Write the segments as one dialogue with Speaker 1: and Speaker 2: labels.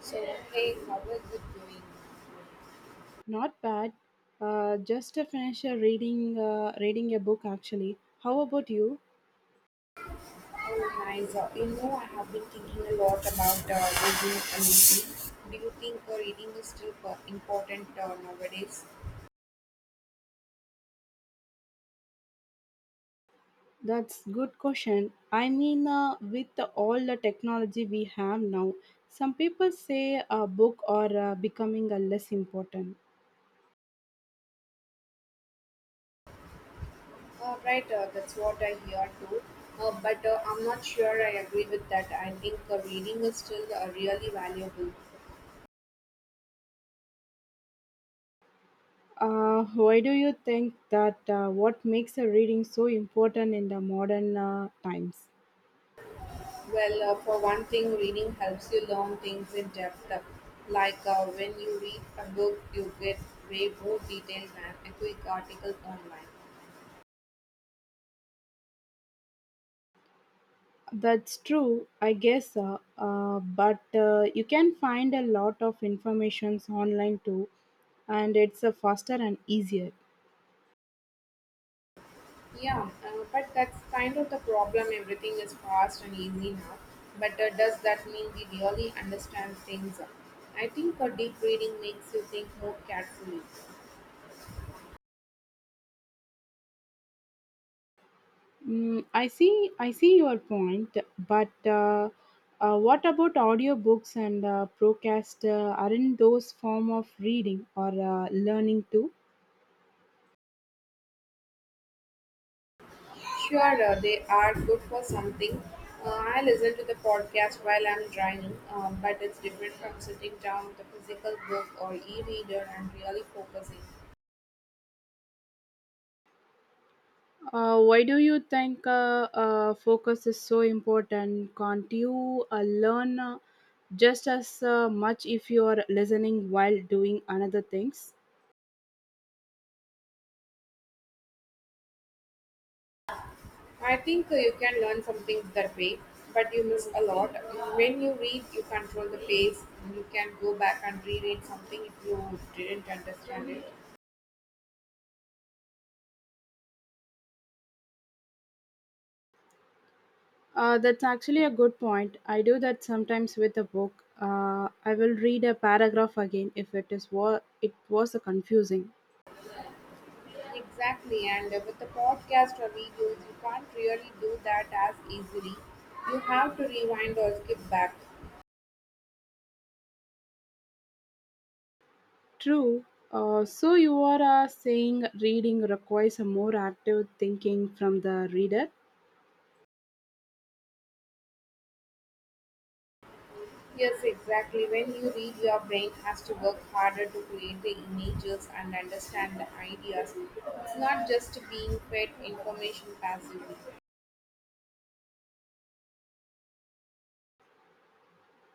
Speaker 1: So, hey, how is it going?
Speaker 2: Not bad. Just to finish a reading reading a book actually. How about you?
Speaker 1: Oh, nice. I have been thinking a lot about reading and reading. Do you think reading is still important nowadays?
Speaker 2: That's good question. I mean, with all the technology we have now, some people say a book are becoming less important.
Speaker 1: Right, that's what I hear too. But I'm not sure I agree with that. I think reading is still really valuable.
Speaker 2: Why do you think that? What makes a reading so important in the modern times?
Speaker 1: Well, for one thing, reading helps you learn things in depth. Like, when you read a book, you get way more detailed than a quick article online.
Speaker 2: That's true, I guess. But You can find a lot of informations online too, and it's faster and easier.
Speaker 1: Yeah, but that's kind of the problem. Everything is fast and easy now. But does that mean we really understand things? I think deep reading makes you think more carefully.
Speaker 2: Mm, I see. I see your point. But What about audiobooks and podcast? Aren't those form of reading or learning too?
Speaker 1: Sure, they are good for something. I listen to the podcast while I'm driving, but it's different from sitting down with a physical book or e reader and really focusing.
Speaker 2: Why do you think focus is so important? Can't you learn just as much if you are listening while doing another things?
Speaker 1: I think you can learn something that way, but you miss a lot. When you read, you control the pace. You can go back and reread something if you didn't understand it.
Speaker 2: That's actually a good point. I do that sometimes with a book. I will read a paragraph again if it is what it was confusing.
Speaker 1: Exactly, and with the podcast or videos, you can't really do that as easily. You have to rewind or skip back.
Speaker 2: True. So you are saying reading requires a more active thinking from the reader.
Speaker 1: Yes, exactly. When you read, your brain has to work harder to create the images and understand the ideas. It's not just being fed information passively.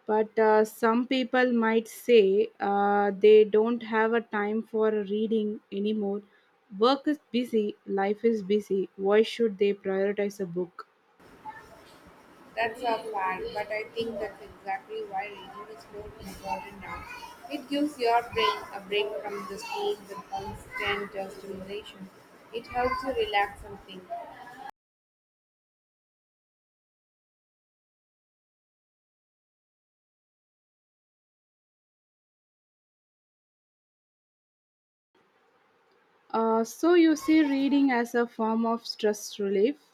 Speaker 2: But Some people might say they don't have a time for reading anymore. Work is busy, life is busy, why should they prioritize a book?
Speaker 1: That's our plan, but I think that's exactly why reading is more important now. It gives your brain a break from the screen with constant stimulation. It helps you relax and think.
Speaker 2: So you see reading as a form of stress relief?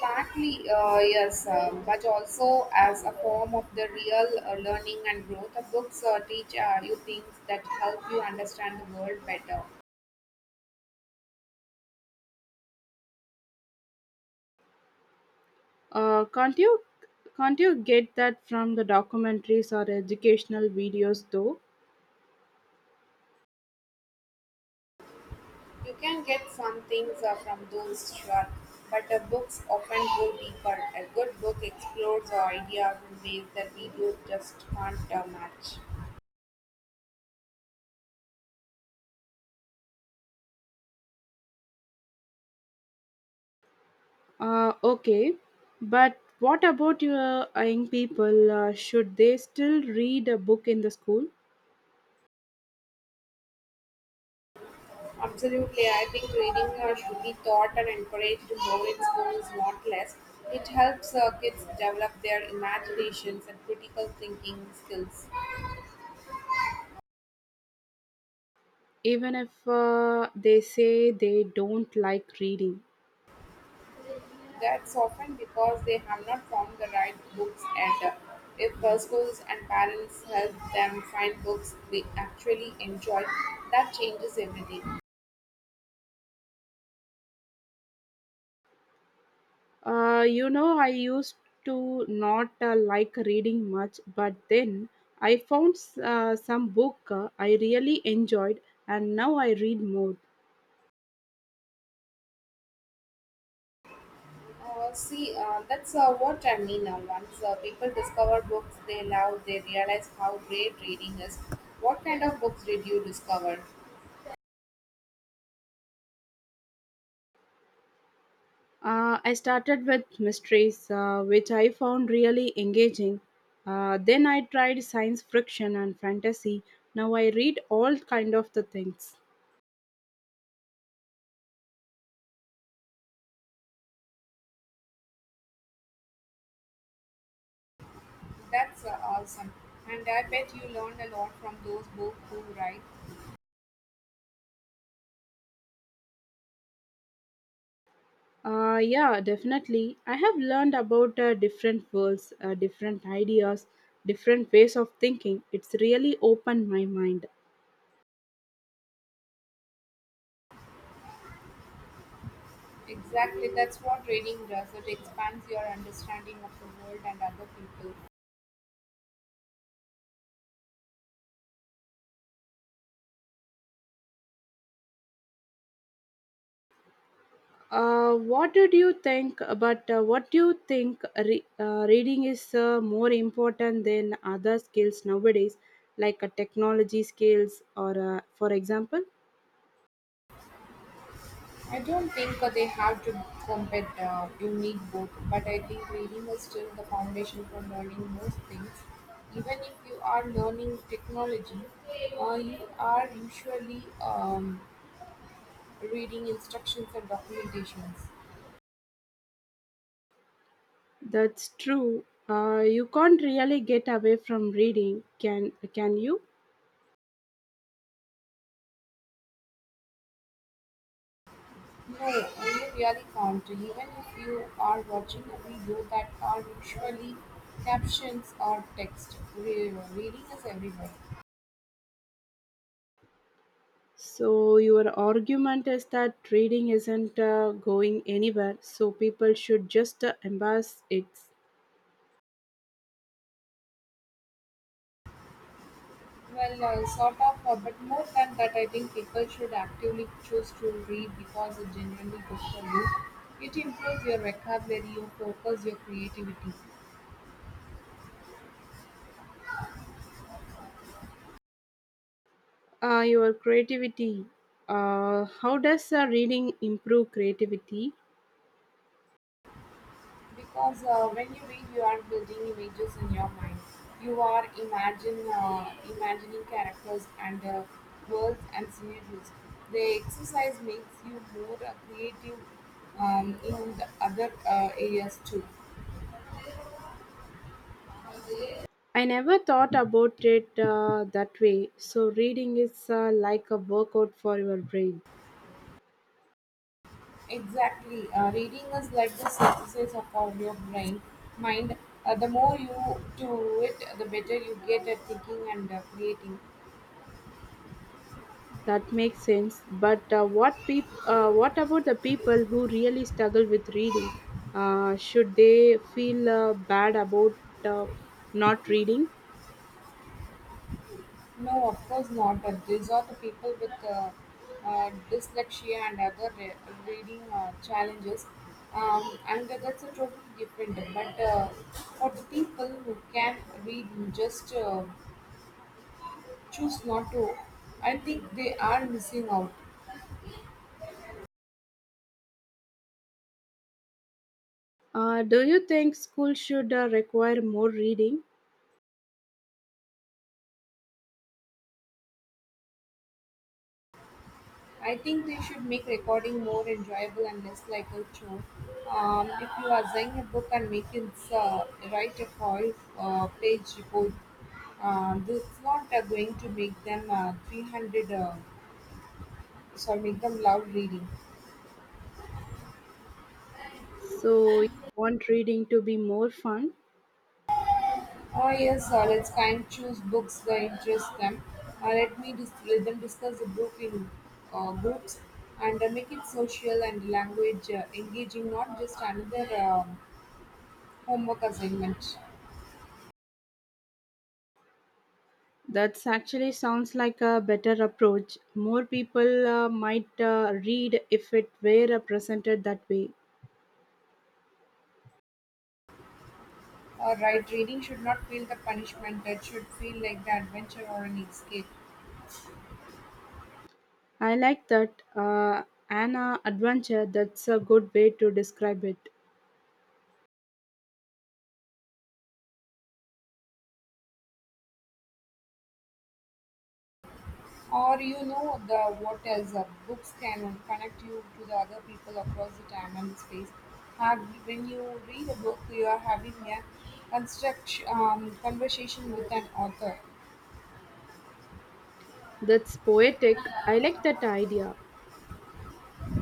Speaker 1: Partly, yes, but also as a form of the real learning and growth. The books teach you things that help you understand the world better.
Speaker 2: Can't you can't you get that from the documentaries or educational videos though?
Speaker 1: You can get some things from those, sure, but books often go deeper. A good book explores our ideas in ways that videos just can't match.
Speaker 2: Okay, but what about your young people? Should they still read a book in the school
Speaker 1: Absolutely, I think reading should be taught and encouraged more in schools, not less. It helps kids develop their imaginations and critical thinking skills.
Speaker 2: even if they say they don't like reading?
Speaker 1: That's often because they have not found the right books and if the schools and parents help them find books they actually enjoy, that changes everything.
Speaker 2: You know, I used to not like reading much, but then I found some book I really enjoyed, and now I read more.
Speaker 1: See, that's what I mean. Once people discover books they love, they realize how great reading is. What kind of books did you discover?
Speaker 2: I started with mysteries, which I found really engaging. Then I tried science fiction and fantasy. Now I read all kind of the things.
Speaker 1: That's awesome. And I bet you learned a lot from those books too, right?
Speaker 2: Yeah, definitely. I have learned about different worlds, different ideas, different ways of thinking. It's really opened my mind.
Speaker 1: Exactly, that's what reading does. It expands your understanding of the world and other people.
Speaker 2: What did you think about what do you think reading is more important than other skills nowadays, like technology skills, or for example?
Speaker 1: I don't think they have to compete. You need both, but I think reading is still the foundation for learning most things. Even if you are learning technology, you are usually reading instructions and documentations.
Speaker 2: That's true. You can't really get away from reading, can you?
Speaker 1: No, you really can't. Even if you are watching a video that are usually captions or text, reading is everywhere.
Speaker 2: So, your argument is that trading isn't going anywhere, so people should just embrace it.
Speaker 1: Well, sort of, but more than that, I think people should actively choose to read because it's genuinely good for you. It improves your vocabulary, your focus, your creativity.
Speaker 2: Your creativity. How does reading improve creativity?
Speaker 1: Because when you read, you are building images in your mind. You are imagine imagining characters and worlds and scenarios. The exercise makes you more creative in the other areas too.
Speaker 2: I never thought about it that way. So, reading is like a workout for your brain.
Speaker 1: Exactly, reading is like the exercise of your brain, mind. The more you do it, the better you get at thinking and creating.
Speaker 2: That makes sense. What about the people who really struggle with reading? Should they feel bad about uh, not reading?
Speaker 1: No, of course not. But these are the people with dyslexia and other reading challenges, and that's a totally different. But for the people who can read, and just choose not to. I think they are missing out.
Speaker 2: Do you think school should require more reading?
Speaker 1: I think they should make recording more enjoyable and less like a chore. If you are assign a book and make it write a whole page report, this is not going to make them sorry, make them loud reading.
Speaker 2: So you want reading to be more fun?
Speaker 1: Oh, yes, let's kind of choose books that interest them. Let them discuss the book in groups and make it social and language engaging, not just another homework assignment.
Speaker 2: That's actually sounds like a better approach. More people might read if it were presented that way.
Speaker 1: Or right reading should not feel the punishment. That should feel like the adventure or an escape.
Speaker 2: I like that Anna adventure. That's a good way to describe it.
Speaker 1: Or you know the what else? Books can connect you to the other people across the time and space. Have When you read a book, you are having a construct conversation with an author.
Speaker 2: That's poetic. I like that idea.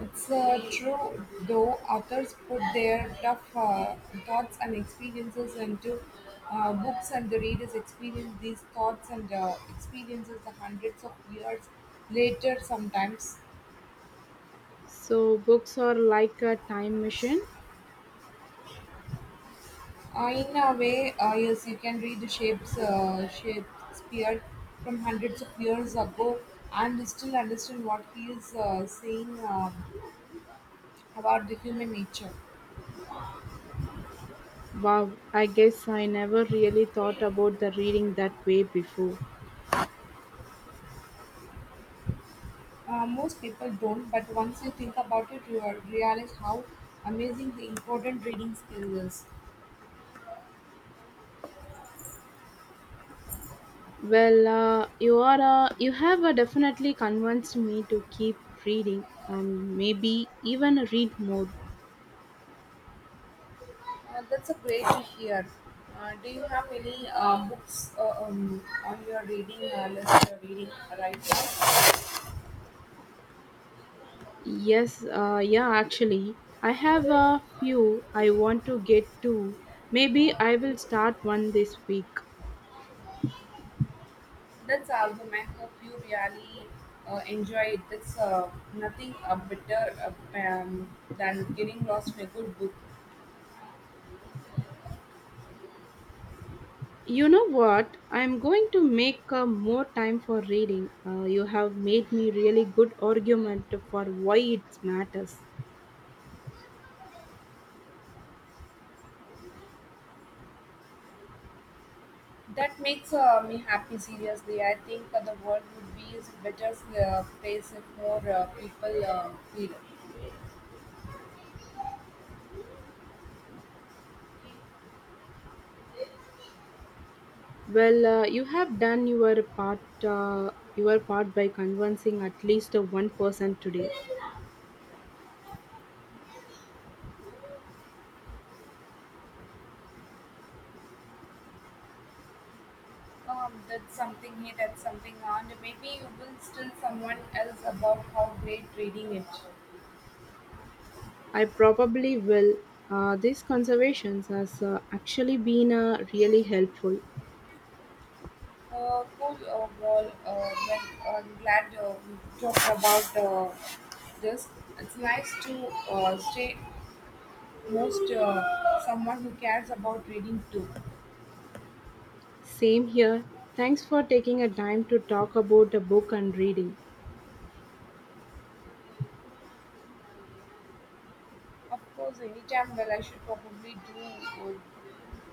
Speaker 1: It's true, though authors put their tough thoughts and experiences into books, and the readers experience these thoughts and experiences the hundreds of years later. Sometimes,
Speaker 2: So books are like a time machine.
Speaker 1: uh, in a way, yes, you can Shakespeare from hundreds of years ago and still understand what he is saying about the human nature.
Speaker 2: Wow, I guess I never really thought about the reading that way before.
Speaker 1: Most people don't, but once you think about it, you realize how amazing the important reading skill is.
Speaker 2: Well, you are you have definitely convinced me to keep reading and maybe even read more.
Speaker 1: That's a great to hear. Do you have any books on your reading list you're reading right now?
Speaker 2: Yes, yeah, actually, I have a few I want to get to. Maybe I will start one this week.
Speaker 1: That's album. I hope you really enjoy it. That's nothing better than getting lost in a good book.
Speaker 2: You know what? I'm going to make more time for reading. You have made me really good argument for why it matters.
Speaker 1: That makes me happy, seriously. I think the world would be a better place if more people feel
Speaker 2: Well, you have done your part, your part by convincing at least one person today.
Speaker 1: that's something here, that's something on. Maybe you will still someone else about how great reading it.
Speaker 2: I probably will. These conservations has actually been really helpful.
Speaker 1: Cool, well, I'm glad we talked about this. It's nice to stay most someone who cares about reading too.
Speaker 2: Same here. Thanks for taking a time to talk about a book and reading.
Speaker 1: Of course, anytime. Well, I should probably do, would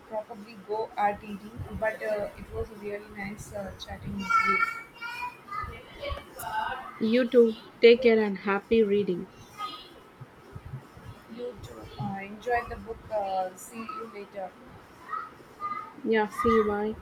Speaker 1: probably go RTD. But it was really nice chatting with you.
Speaker 2: You too. Take care and happy reading.
Speaker 1: You too. Enjoy the book. See you later.
Speaker 2: Yeah, see you. Bye.